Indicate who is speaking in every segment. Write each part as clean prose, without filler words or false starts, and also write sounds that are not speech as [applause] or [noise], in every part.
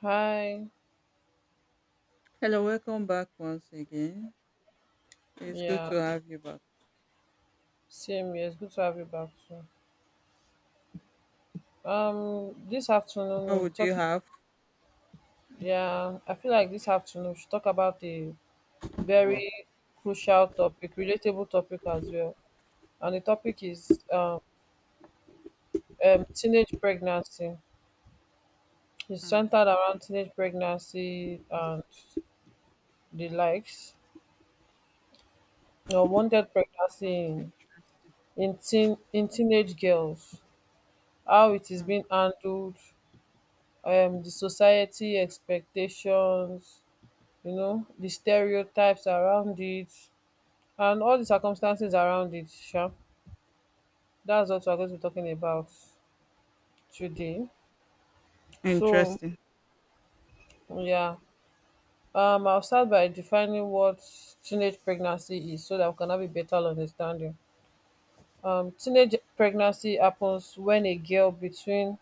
Speaker 1: Hi.
Speaker 2: Hello, welcome back once again. It's good
Speaker 1: Yeah,
Speaker 2: to have you back.
Speaker 1: same here. It's good to have you back too. This afternoon
Speaker 2: How
Speaker 1: we'll be
Speaker 2: would you
Speaker 1: talking.
Speaker 2: have?
Speaker 1: Yeah, I feel like this afternoon we should talk about a very crucial topic, relatable topic as well. And the topic is teenage pregnancy. It's
Speaker 2: Hmm,
Speaker 1: centered around teenage pregnancy and the likes. Or wanted pregnancy
Speaker 2: that's
Speaker 1: in
Speaker 2: interesting.
Speaker 1: in teen in teenage girls. How it is
Speaker 2: Hmm,
Speaker 1: being handled, the society expectations, the stereotypes around it and all the circumstances around it sha. That's what we're going to be talking about today. So
Speaker 2: interesting.
Speaker 1: yeah, I'll start by defining what teenage pregnancy is so that we can have a better understanding. Teenage pregnancy happens when a girl between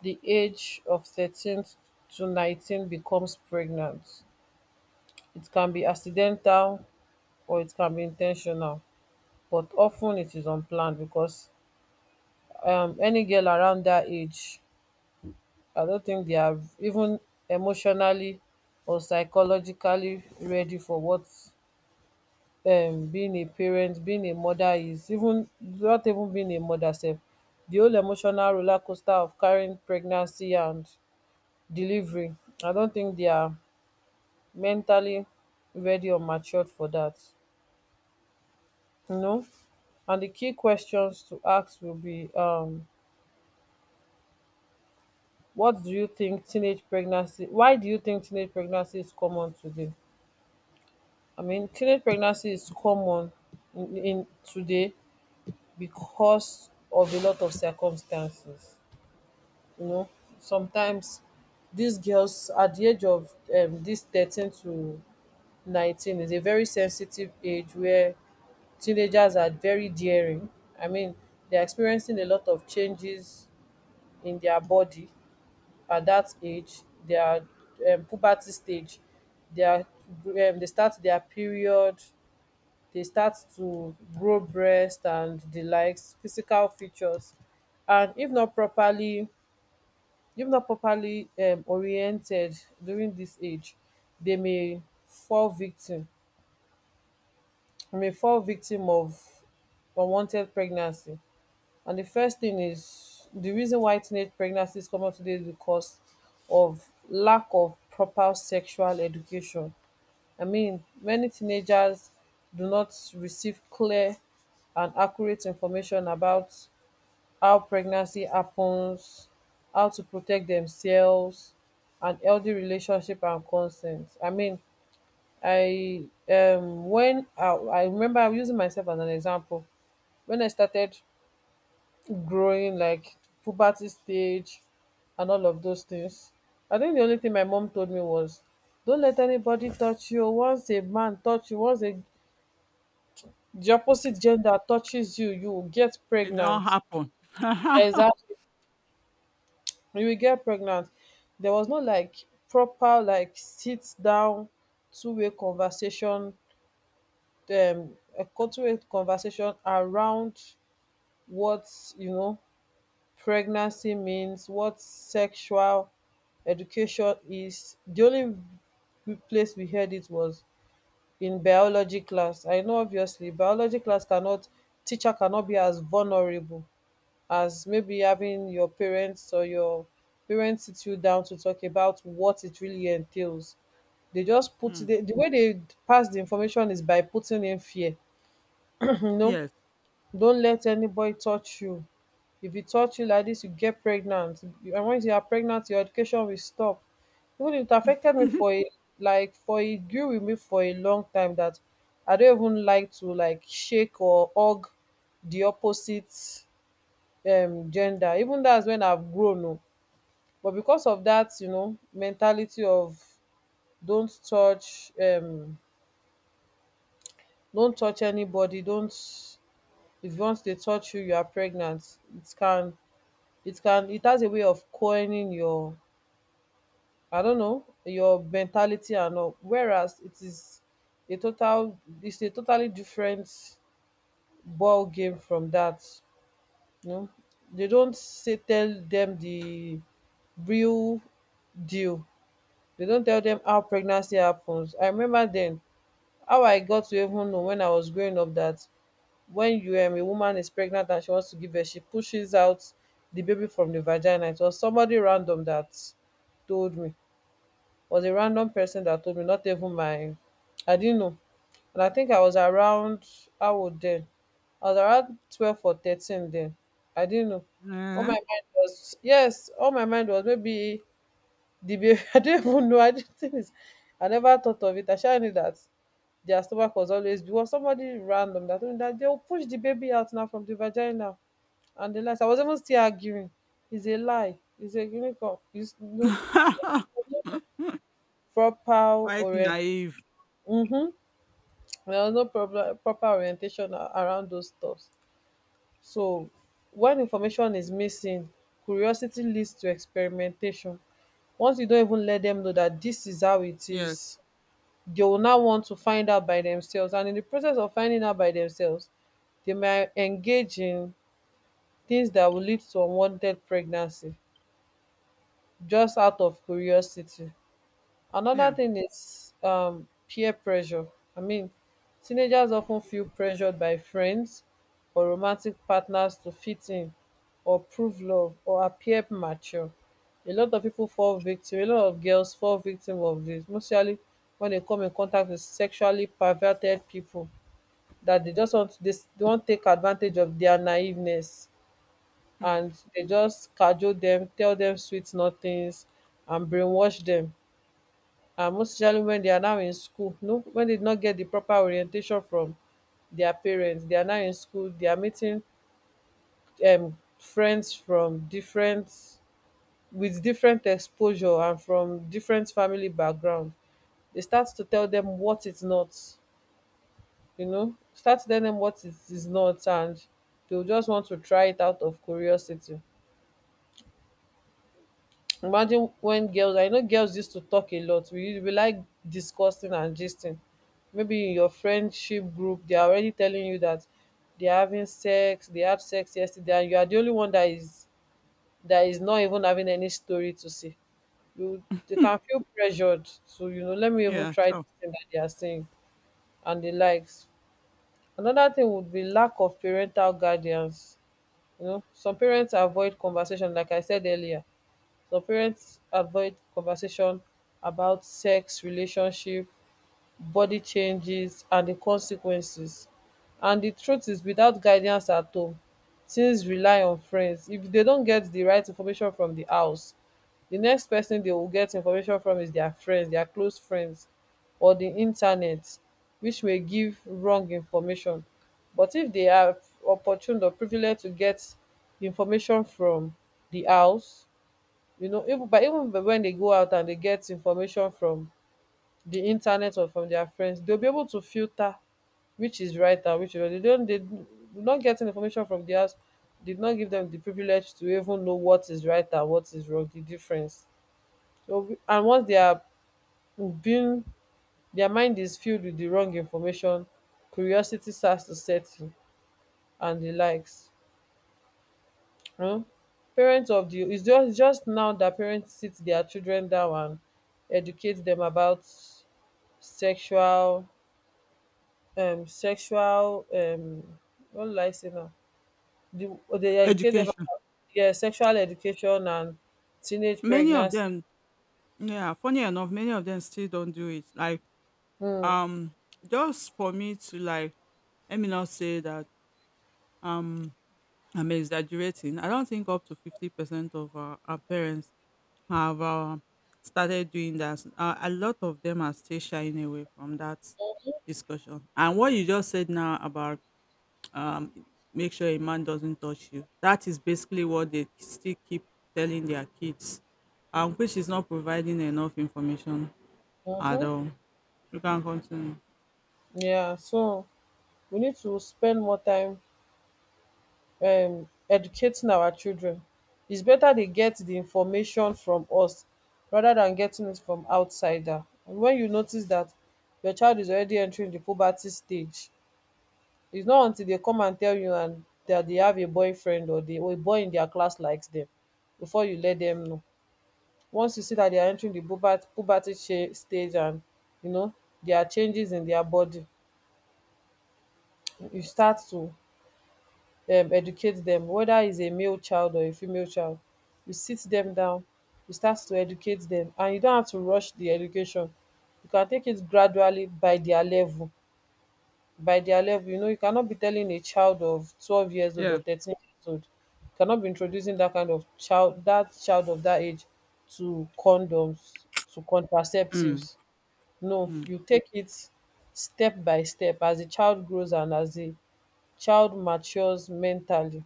Speaker 1: the age of 13 to 19 becomes pregnant. It can be accidental or it can be intentional, but often it is unplanned because any girl around that age, I don't think they are even emotionally or psychologically ready for what, being a parent, being a mother, is, even not even being a mother self. The whole emotional roller coaster of carrying pregnancy and delivery, I don't think they are mentally ready or matured for that. No? And the key questions to ask will be, what do you think teenage pregnancy, why do you think teenage pregnancy is common today? I mean, teenage pregnancy is common in today because of a lot of circumstances. You know, sometimes these girls at the age of, this 13 to 19, is a very sensitive age where teenagers are very daring. I mean, they're experiencing a lot of changes in their body at that age. Their puberty stage, dia, they start their period, they start to grow breast and the likes, physical features. And if not properly, oriented during this age, they may fall victim, of unwanted pregnancy. And the first thing is, the reason why teenage pregnancy is common today is because of lack of proper sexual education. I mean, many teenagers do not receive clear and accurate information about how pregnancy happens, how to protect themselves, and healthy relationship and consent. I mean, I I remember, I'm using myself as an example when I started growing, like, puberty stage and all of those things. I think the only thing my mom told me was, don't let anybody touch you. Once a man touch you, the opposite gender touches you, you will get
Speaker 2: It don't
Speaker 1: pregnant.
Speaker 2: happen. [laughs]
Speaker 1: Exactly. You will get pregnant. There was no, like, proper, like, sit down two-way conversation a two-way conversation around what, you know pregnancy means, what sexual education is. The only place we heard it was in biology class. I know obviously biology class cannot teacher cannot be as vulnerable as maybe having your parents or your parents sit you down to talk about what it really entails. They just put
Speaker 2: Hmm.
Speaker 1: the way they pass the information is by putting in fear. [clears throat] you know,
Speaker 2: Yes.
Speaker 1: don't let anybody touch you. If e touch you like this, you get pregnant, and once you are pregnant your education will stop. Even it affected me for
Speaker 2: [laughs]
Speaker 1: a, like, for e grew with me for a long time, that I don't even like to, like, shake or hug the opposite gender, even that's when I've grown oo. But because of that, you know, mentality of don't touch, don't touch anybody, don't — if once they touch you, you are pregnant. It has a way of coining your — I don't know, your mentality and all. Whereas it is a total it's a totally different ball game from that. You know? They don't say, tell them the real deal. They don't tell them how pregnancy happens. I remember then how I got to even know when I was growing up that when you, a woman is pregnant and she wants to give birth, she pushes out the baby from the vagina. It was somebody random that told me. Was a random person that told me, not even my I didn't know. And I think I was around how old then? I was around 12 or 13 then. I didn't know.
Speaker 2: Eh?
Speaker 1: All my mind was maybe the baby [laughs] I don't even know. I never thought of it. I sure knew that their stomach was always, because somebody random that told me that they'll push the baby out now from the vagina and the lies. I was even still arguing. It's a lie. It's a unicorn. It's no
Speaker 2: [laughs]
Speaker 1: proper
Speaker 2: Quite
Speaker 1: orient.
Speaker 2: naive.
Speaker 1: Mm-hmm. There was no problem proper orientation around those stuffs. So when information is missing, curiosity leads to experimentation. Once you don't even let them know that this is how it
Speaker 2: Yes,
Speaker 1: is, they will now want to find out by themselves, and in the process of finding out by themselves, they may engage in things that will lead to unwanted pregnancy, just out of curiosity. Another
Speaker 2: yeah.
Speaker 1: thing is, peer pressure. I mean, teenagers often feel pressured by friends or romantic partners to fit in or prove love or appear mature. A lot of people fall victim, a lot of girls fall victim of this, mostly when they come in contact with sexually perverted people that they just want, they don't take advantage of their naiveness,
Speaker 2: Hmm.
Speaker 1: and they just cajole them, tell them sweet nothings and brainwash them. And most especially when they are now in school, no, when they did not get the proper orientation from their parents, they are now in school, they are meeting friends from different, with different exposure and from different family background. They start to tell them what it's not, you know, start telling them what it is not, and they will just want to try it out of curiosity. Imagine when girls — I know girls used to talk a lot. We like discussing and gisting. Maybe in your friendship group, they are already telling you that they are having sex, they had sex yesterday, and you are the only one that is not even having any story to say. You — they can
Speaker 2: [laughs]
Speaker 1: feel pressured to, let me even
Speaker 2: Yeah,
Speaker 1: try
Speaker 2: sure.
Speaker 1: this thing that they are saying and the likes. Another thing would be lack of parental guardians. You know, some parents avoid conversation, like I said earlier, so parents avoid conversation about sex, relationship, body changes, and the consequences. And the truth is, without guidance at home, teens rely on friends. If they don't get the right information from the house, the next person they will get information from is their friends, their close friends, or the internet, which may give wrong information. But if they have opportunity or privilege to get information from the house, you know, even but when they go out and they get information from the internet or from their friends, they'll be able to filter which is right and which is wrong. They don't, they do not get information from the house, did not give them the privilege to even know what is right and what is wrong, the difference. So and once they are being, their mind is filled with the wrong information, curiosity starts to set in and the likes. um Parents of the — its just, it's just now that parents sit their children down and educate them about sexual, sexual, what will I say now, di, dey educate dem.
Speaker 2: Education.
Speaker 1: Yeah, sexual education and teenage
Speaker 2: Many of
Speaker 1: pregnancy.
Speaker 2: them, yeah, funny enough, many of them still don't do it. Like,
Speaker 1: um
Speaker 2: um, just for me to like, let me not say that. Um, I'm exaggerating. I don't think up to 50% of our parents have started doing that. A lot of them are still shying away from that discussion. And what you just said now about um, make sure a man doesn't touch you, that is basically what they still keep telling their kids, which is not providing enough information at
Speaker 1: um
Speaker 2: all. You can continue.
Speaker 1: yeah so we need to spend more time educating our children. It's better they get the information from us rather than getting it from outsider. And when you notice that your child is already entering the puberty stage, it's not until they come and tell you and that they have a boyfriend or they or a boy in their class likes them before you let them know. Once you see that they are entering the puberty stage and, you know, there are changes in their body, you start to educate dem, whether is a male child or a female child. You sit dem down, you start to educate dem, and you don't have to rush the education. You can take it gradually by their level, you know. You cannot be telling a child of 12 years old
Speaker 2: Yeah.
Speaker 1: or 13 years old — you cannot be introducing that kind of child, that child of that age, to condoms, to
Speaker 2: Mm.
Speaker 1: contraceptives. No, you take it step by step as the child grows and as the child matures mentally,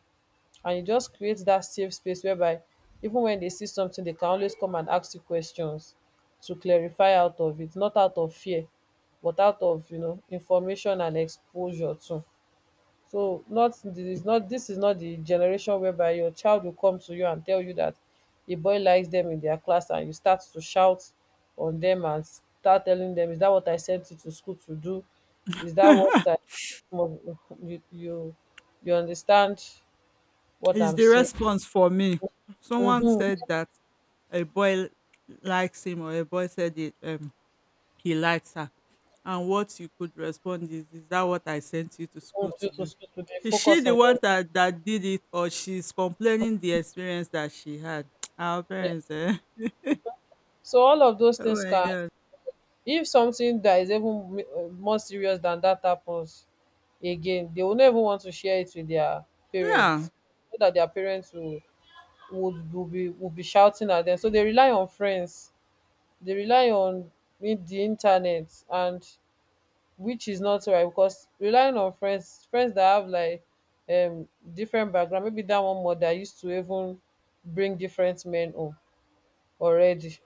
Speaker 1: and you just create that safe space whereby even when they see something they can always come and ask you questions to clarify out of it, not out of fear, but out of, you know, information and exposure too. So not this is not the generation whereby your child will come to you and tell you that a boy likes them in their class and you start to shout on them and start telling them, "Is that what I sent you to school to do? Is that what
Speaker 2: Mm. [laughs]
Speaker 1: I you you you understand what
Speaker 2: It's
Speaker 1: I'm
Speaker 2: the
Speaker 1: saying?"
Speaker 2: response for me. Someone
Speaker 1: Mhm,
Speaker 2: said that a boy likes him or a boy said it, he likes her. And what you could respond is that what I sent you to
Speaker 1: mhm,
Speaker 2: school
Speaker 1: true,
Speaker 2: to
Speaker 1: true,
Speaker 2: do?
Speaker 1: true, true. They
Speaker 2: Is she
Speaker 1: focus
Speaker 2: the
Speaker 1: on
Speaker 2: one
Speaker 1: your
Speaker 2: that did it, or she's complaining the experience that she had? [tsk] Our
Speaker 1: brain.
Speaker 2: parents, eh? [laughs]
Speaker 1: So all of those
Speaker 2: Oh
Speaker 1: things
Speaker 2: my
Speaker 1: can,
Speaker 2: God.
Speaker 1: if something that is even more serious than that happens again, they will never want to share it with their
Speaker 2: Yeah.
Speaker 1: parents, so that their parents will be shouting at them. So they rely on friends, they rely on the internet, and which is not right because relying on friends, that have like um different background. Maybe that one mother used to even bring different men home already,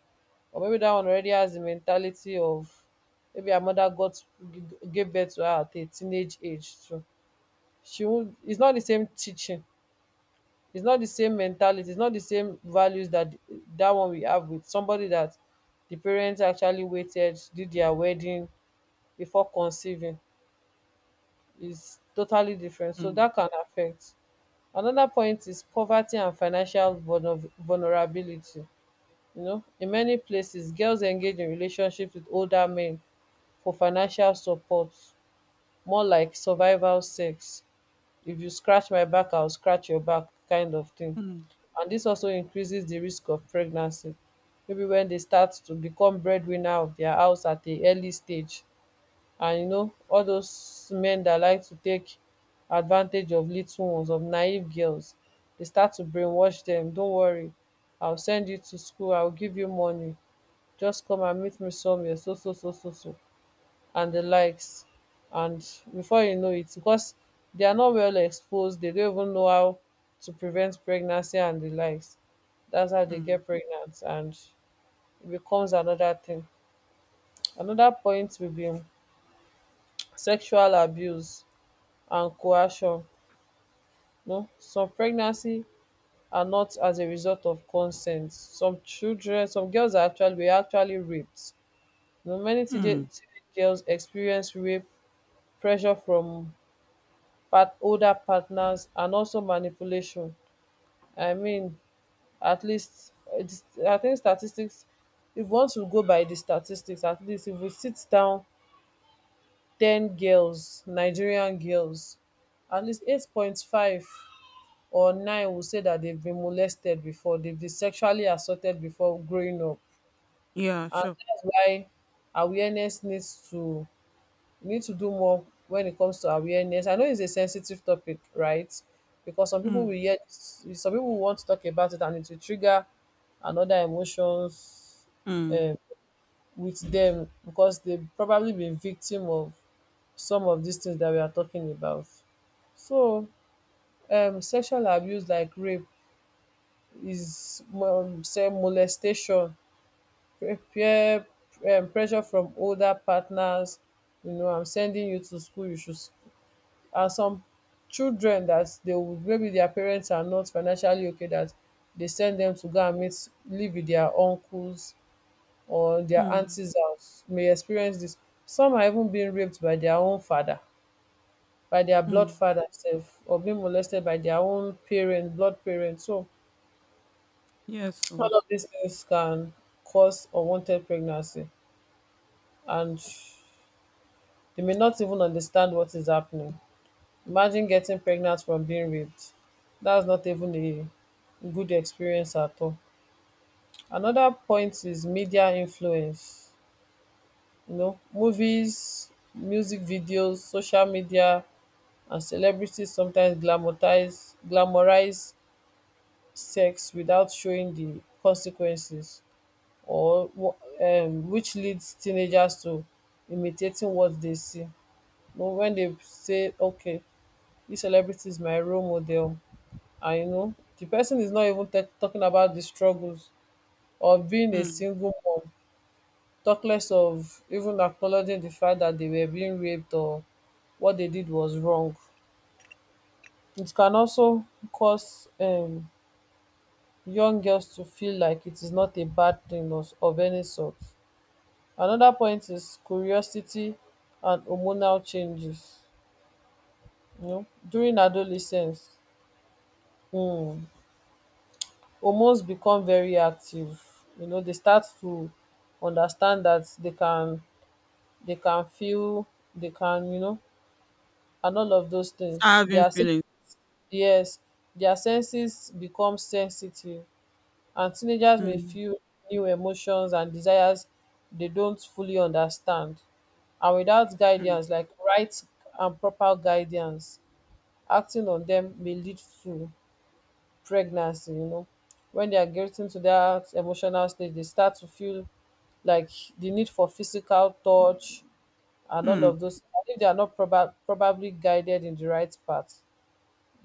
Speaker 1: or maybe that one already has the mentality of, maybe her mother got gave birth to her at a teenage age, so she won't it's not the same teaching, it's not the same mentality, it's not the same values that that one we have with somebody that the parents actually waited, did their wedding before conceiving. Is totally different, so
Speaker 2: Mm,
Speaker 1: that can affect. Another point is poverty and financial vulnerability. You know, in many places girls engage in relationships with older men for financial support, more like survival sex, if you scratch my back I will scratch your back kind of thing.
Speaker 2: mm,
Speaker 1: And this also increases the risk of pregnancy, maybe when they start to become breadwinner of their house at a early stage. And you know all those men that like to take advantage of little ones, of naive girls, they start to brainwash them. "Don't worry, I will send you to school, I will give you money, just come and meet me somewhere, so so so so so," and the likes. And before you know it, because they are not well exposed, they don't even know how to prevent pregnancy and the likes. That's how they
Speaker 2: mm,
Speaker 1: get pregnant and it becomes another thing. Another point will be sexual abuse and coercion. No, some pregnancy are not as a result of consent. Some girls are actually were actually raped. You know, many teenage
Speaker 2: mm.
Speaker 1: teenage girls experience rape, pressure from part older partners, and also manipulation. I mean, at least I think statistics. If one want to go by the statistics, at least if we sit down 10 girls, Nigerian girls, at least 8.5 or 9 will say that they've been molested before, they've been sexually assaulted before growing up,
Speaker 2: Yeah,
Speaker 1: and
Speaker 2: sure.
Speaker 1: that's why awareness needs to we need to do more when it comes to awareness. I know it's a sensitive topic, right? Because some people will
Speaker 2: Mm,
Speaker 1: yet some people will want to talk about it and it will trigger another emotions um,
Speaker 2: mm,
Speaker 1: with them, because they've probably been victim of some of these things that we are talking about. So sexual abuse like rape is, say, molestation, peer pressure from older partners. You know, I'm sending you to school, you should. Are some children that they would, maybe their parents are not financially okay, that they send them to go and meet, live with their uncles or their
Speaker 2: mm,
Speaker 1: aunties house, may experience this. Some are even being raped by their own father, by their blood
Speaker 2: mm.
Speaker 1: father self, or being molested by their own parent, blood parent. So
Speaker 2: Yes, so.
Speaker 1: all of these things can cause unwanted pregnancy, and they may not even understand what is happening. Imagine getting pregnant from being raped. That's not even a good experience at all. Another point is media influence. You know, movies, music videos, social media, and celebrities sometimes glamorize sex without showing the consequences, or which leads teenagers to imitating what they see. You know, when they say, "Okay, this celebrity is my role model," and you know, the person is not even talking about the struggles of being a
Speaker 2: Mm.
Speaker 1: single mom, talk less of even acknowledging the fact that they were being raped or what they did was wrong. It can also cause young girls to feel like it is not a bad thing of any sort. Another point is curiosity and hormonal changes. You know, during adolescence, hmm, almost become very active. You know, they start to understand that they can feel, they can, and all of those things,
Speaker 2: Start having
Speaker 1: their
Speaker 2: feelings.
Speaker 1: yes, their senses become sensitive. And teenagers may feel new emotions and desires they don't fully understand, and without
Speaker 2: Mm.
Speaker 1: guidance, like right and proper guidance, acting on them may lead to pregnancy. You know, when they are getting to that emotional stage, they start to feel like the need for physical touch and all of
Speaker 2: Mm,
Speaker 1: those. And if they are not probably guided in the right path,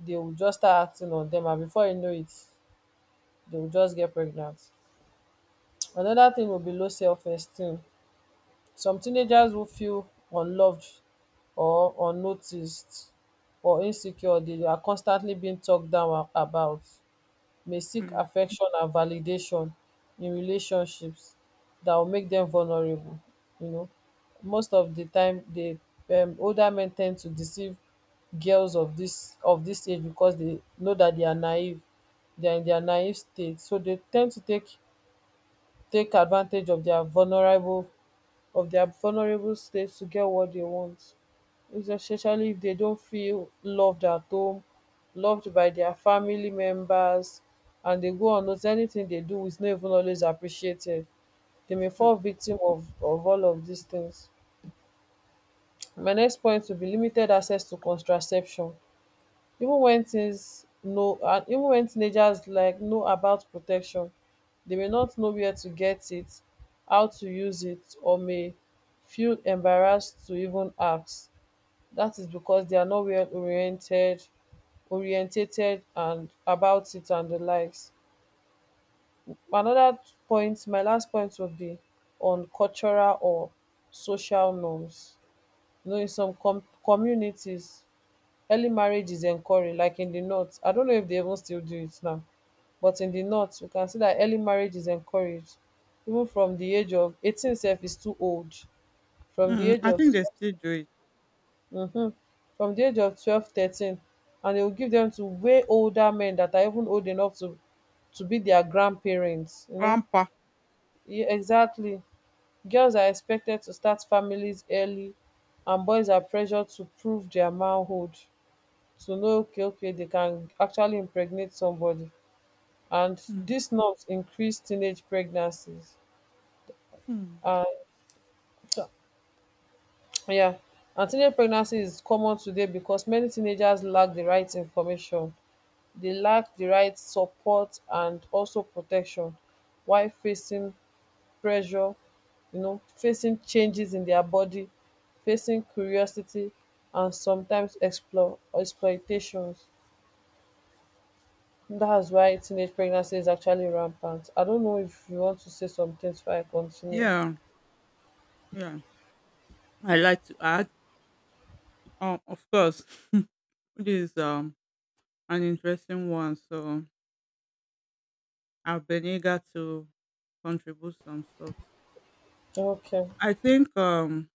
Speaker 1: they will just start acting on them and before you know it, they will just get pregnant. Another thing will be low self-esteem. Some teenagers will feel unloved or unnoticed or insecure. They are constantly being talked down about, may seek
Speaker 2: mm,
Speaker 1: affection and validation in relationships that will make them vulnerable. You know, most of the time the older men tend to deceive girls of this age, because they know that they are naive, they are in their naive state, so they tend to take advantage of their vulnerable slaves to get what they want, especially if they don't feel loved at home, loved by their family members, and they go on notice anything they do is not even always appreciated. They may fall
Speaker 2: mm,
Speaker 1: victim of all of these things. My next point will be limited access to contraception. Even when teenagers like know about protection, they may not know where to get it, how to use it, or may feel embarrassed to even ask. That is because they are not well oriented orientated and about it and the likes. Another point, my last point will be on cultural or social norms. You know, in some communities, early marriage is encouraged, like in the north. I don't know if they even still do it now, but in the north you can see that early marriage is encouraged, even from the age of 18. Self is too old. From the
Speaker 2: mm.
Speaker 1: age
Speaker 2: I
Speaker 1: of,
Speaker 2: think they still do it.
Speaker 1: um from the age of 12, 13 and they will give them to way older men that are even old enough to be their grandparents, you know.
Speaker 2: Grandpa.
Speaker 1: Yeah, exactly. Girls are expected to start families early, and boys are pressured to prove their manhood, to know, okay, okay, they can actually impregnate somebody. And
Speaker 2: Mm,
Speaker 1: dis norms increase teenage pregnancies.
Speaker 2: mm.
Speaker 1: And yeah, and teenage pregnancy is common today because many teenagers lack the right information, they lack the right support and also protection, while facing pressure, you know, facing changes in their body, facing curiosity, and sometimes explore exploitations. That's why teenage pregnancy is actually rampant. I don't know if you want to say some things before I continue.
Speaker 2: Yeah, yeah. I like to add. Oh, of course, [laughs] this is an interesting one. So I've been eager to contribute some stuff.
Speaker 1: Okay.
Speaker 2: I think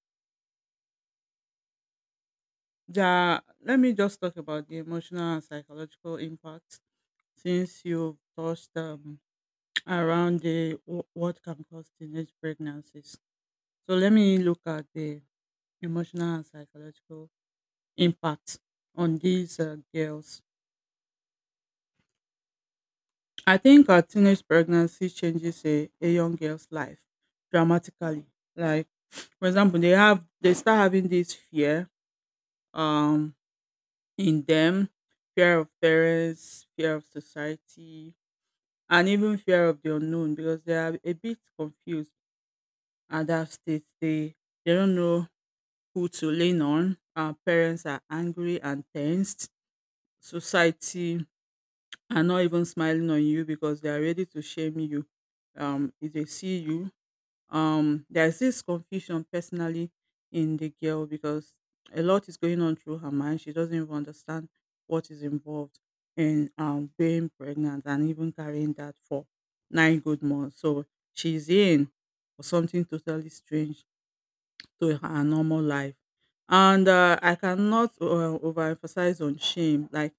Speaker 2: that let me just talk about the emotional and psychological impact since you touched around the what can cause teenage pregnancies. So let me look at the emotional and psychological impact on these girls. I think a teenage pregnancy changes a young girl's life dramatically. Like, for example, they start having this fear um in them, fear of parents, fear of society, and even fear of the unknown because they are a bit confused at that stage. They don't know who to lean on. Our parents are angry and tensed. Society are not even smiling on you because they are ready to shame you, if they see you. There's this confusion personally in the girl because a lot is going on through her mind. She doesn't even understand what is involved in, being pregnant and even carrying that for 9 good months. So she's in for something totally strange to her normal life. And I cannot overemphasize on shame. Like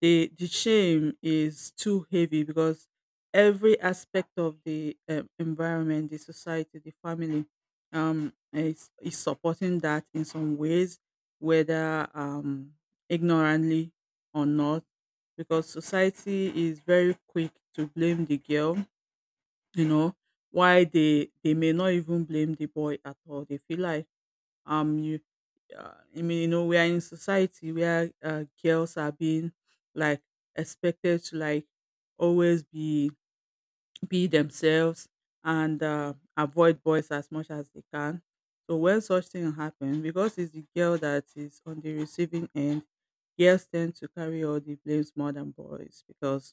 Speaker 2: the shame is too heavy because every aspect of the, environment, the society, the family, is supporting that in some ways, whether ignorantly or not, because society is very quick to blame the girl, you know, why they may not even blame the boy at all. They feel like you I mean, we are in society where girls are being like expected to like always be themselves and avoid boys as much as they can. So when such thing happen, because it's the girl that is on the receiving end, girls tend to carry all the blames more than boys because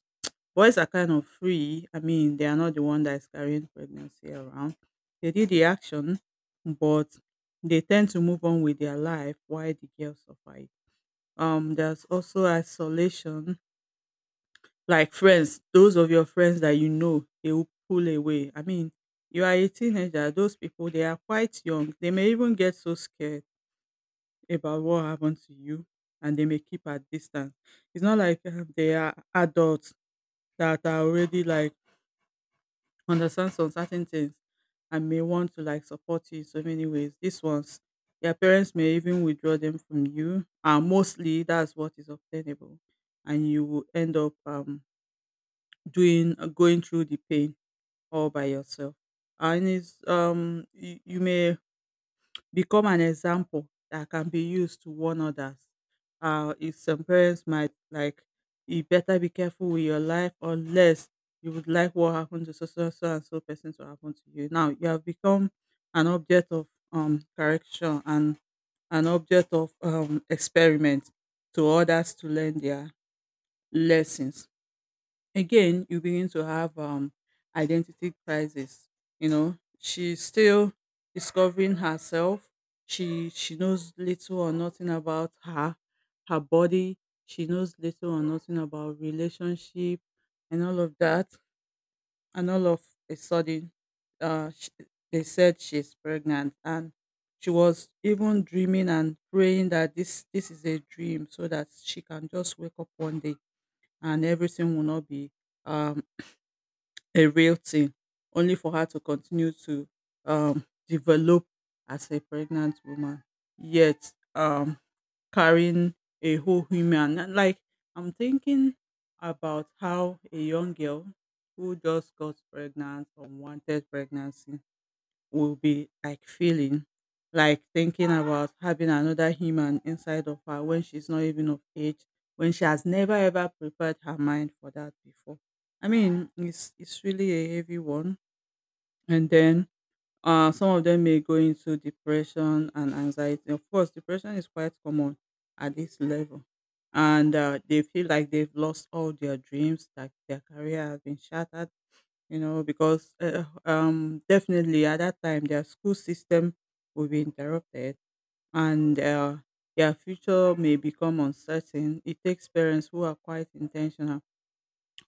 Speaker 2: boys are kind of free. I mean, they are not the one that is carrying pregnancy around. They did the action, but they tend to move on with their life while the girls suffer it. There's also isolation, like friends, those of your friends that you know, they will pull away. I mean, you are a teenager, those people, they are quite young. They may even get so scared about what happened to you, and they may keep at distance. It's not like they are adults that are already like understand some certain things and may want to like support you in so many ways. These ones, your parents may even withdraw them from you. Mostly that's what is obtainable, and you will end up, doing going through the pain all by yourself. And it's you may become an example that can be used to warn others. If some parents might like, you better be careful with your life unless you would like what happened to so so so and so person to happen to you. Now you have become an object of correction and an object of experiment to others to learn their lessons. Again, you begin to have identity crisis. You know, she's still discovering herself. She knows little or nothing about her, body. She knows little or nothing about relationship and all of that, and all of a sudden, sh they said she's pregnant, and she was even dreaming and praying that this is a dream so that she can just wake up one day and everything will not be um a real thing, only for her to continue to, develop as a pregnant woman, yet carrying a whole human. And, like I'm thinking about how a young girl who just got pregnant, unwanted pregnancy, will be like feeling, like thinking about having another human inside of her when she's not even of age, when she has never ever prepared her mind for that before. I mean, it's really a heavy one. And then some of them may go into depression and anxiety. Of course, depression is quite common at this level, and they feel like they've lost all their dreams, like their career has been shattered. Because definitely at that time their school system will be interrupted, and their future may become uncertain. It takes parents who are quite intentional,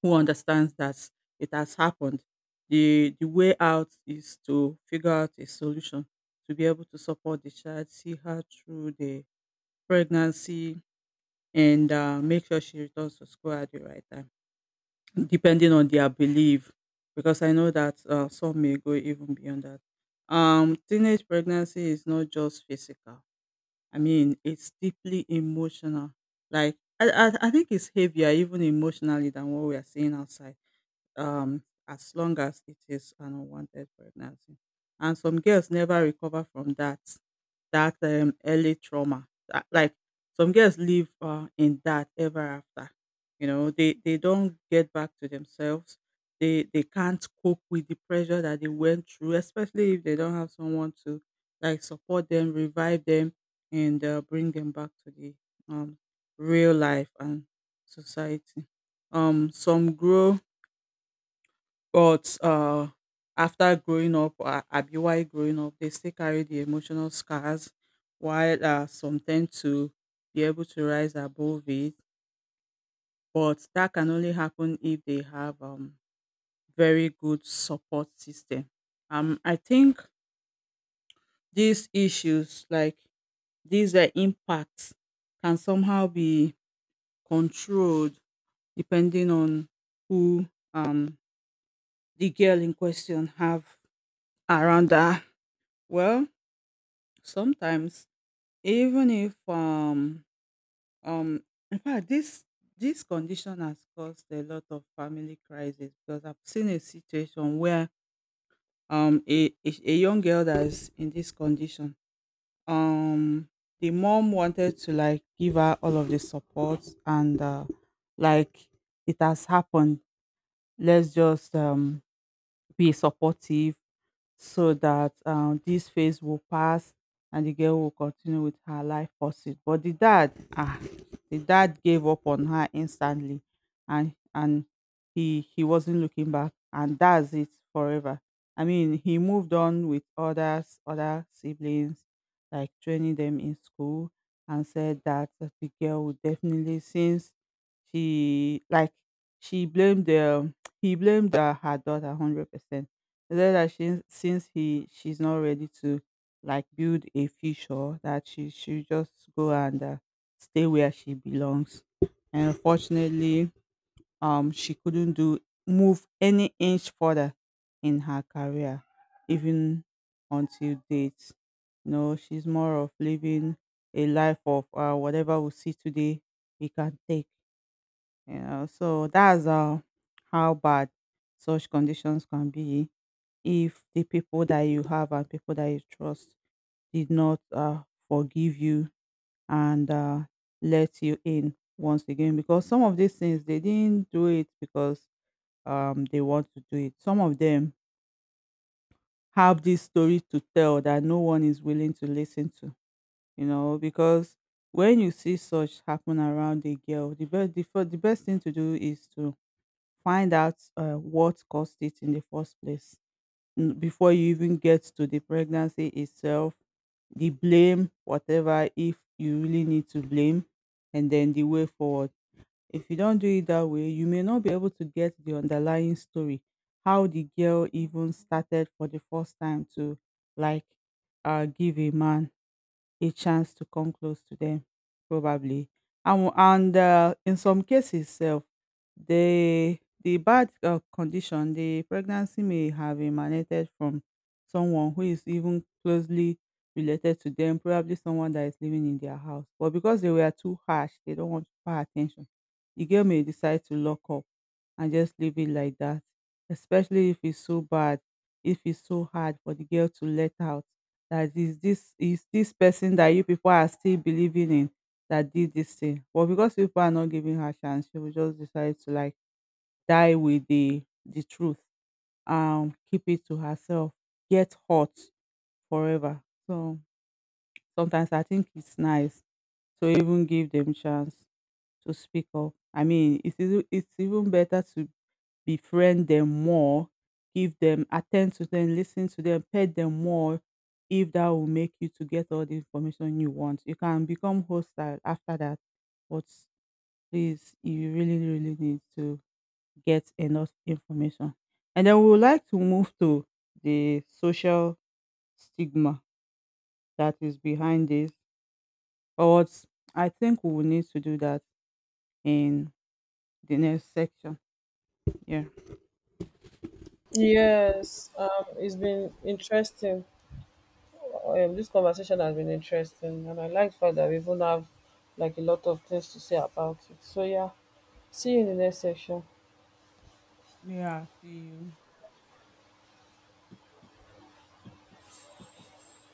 Speaker 2: who understands that it has happened. The way out is to figure out a solution to be able to support the child, see her through the pregnancy, and make sure she returns to school at the right time, depending on their belief, because I know that some may go even beyond that. Teenage pregnancy is not just physical. I mean, it's deeply emotional. Like I think it's heavier even emotionally than what we are seeing outside, as long as it is an unwanted pregnancy. And some girls never recover from that early trauma. That, like some girls live in that ever after. You know, they don't get back to themselves. They can't cope with the pressure that they went through, especially if they don't have someone to like support them, revive them, and bring them back to the, um, real life and society. Some grow, but after growing up, abi while growing up, they still carry the emotional scars, while some tend to be able to rise above it. But that can only happen if they have very good support system. I think these issues, like these impacts, can somehow be controlled depending on who, um, the girl in question have around her. Well, sometimes, even if um in fact, this condition has caused a lot of family crisis because I've seen a situation where a young girl that's in this condition, um the mom wanted to like give her all of the support and, like it has happened, let's just be supportive so that, this phase will pass and the girl will continue with her life pursuit. But the dad gave up on her instantly, and he wasn't looking back, and that's it forever. I mean, he moved on with others, other siblings, like training them in school, and said that the girl would definitely, since she like she blamed [tsk] he blamed her daughter 100%. He said that since he she's not ready to like build a future, that she should just go and stay where she belongs. And unfortunately, she couldn't do move any inch further in her career, even until date. No, she's more of living a life of, whatever we see today, we can take. You know, so that's how bad such conditions can be if the people that you have and people that you trust did not forgive you and let you in once again. Because some of these things, they didn't do it because they want to do it. Some of them have this story to tell that no one is willing to listen to. You know, because when you see such happen around a girl, the best thing to do is to find out what caused it in the first place, before you even get to the pregnancy itself, the blame, whatever, if you really need to blame, and then the way forward. If you don't do it that way, you may not be able to get the underlying story, how the girl even started for the first time to like give a man a chance to come close to them, probably. And in some cases self, the the bad, condition, the pregnancy may have emanated from someone who is even closely related to them, probably someone that is living in their house, but because they were too harsh, they don't want to pay attention. The girl may decide to lock up and just leave it like that, especially if it's so bad, if it's so hard for the girl to let out, that is, this person that you people are still believing in that did this thing. But because people are not giving her chance, she will just decide to like die with the truth and keep it to herself, get hot forever. So sometimes I think it's nice to even give them chance. To speak up. I mean, it's even better to befriend them more, give them, attend to them, listen to them, pet them more if that will make you to get all the information you want. You can become hostile after that, but please, you really, really need to get enough information. And then we would like to move to the social stigma that is behind this. But I think we will need to do that in the next section. Yeah.
Speaker 1: Yes, it's been interesting. This conversation has been interesting, and I like the fact that we even have like a lot of things to say about it. So yeah, see you in the next session.
Speaker 2: Yeah, I see you.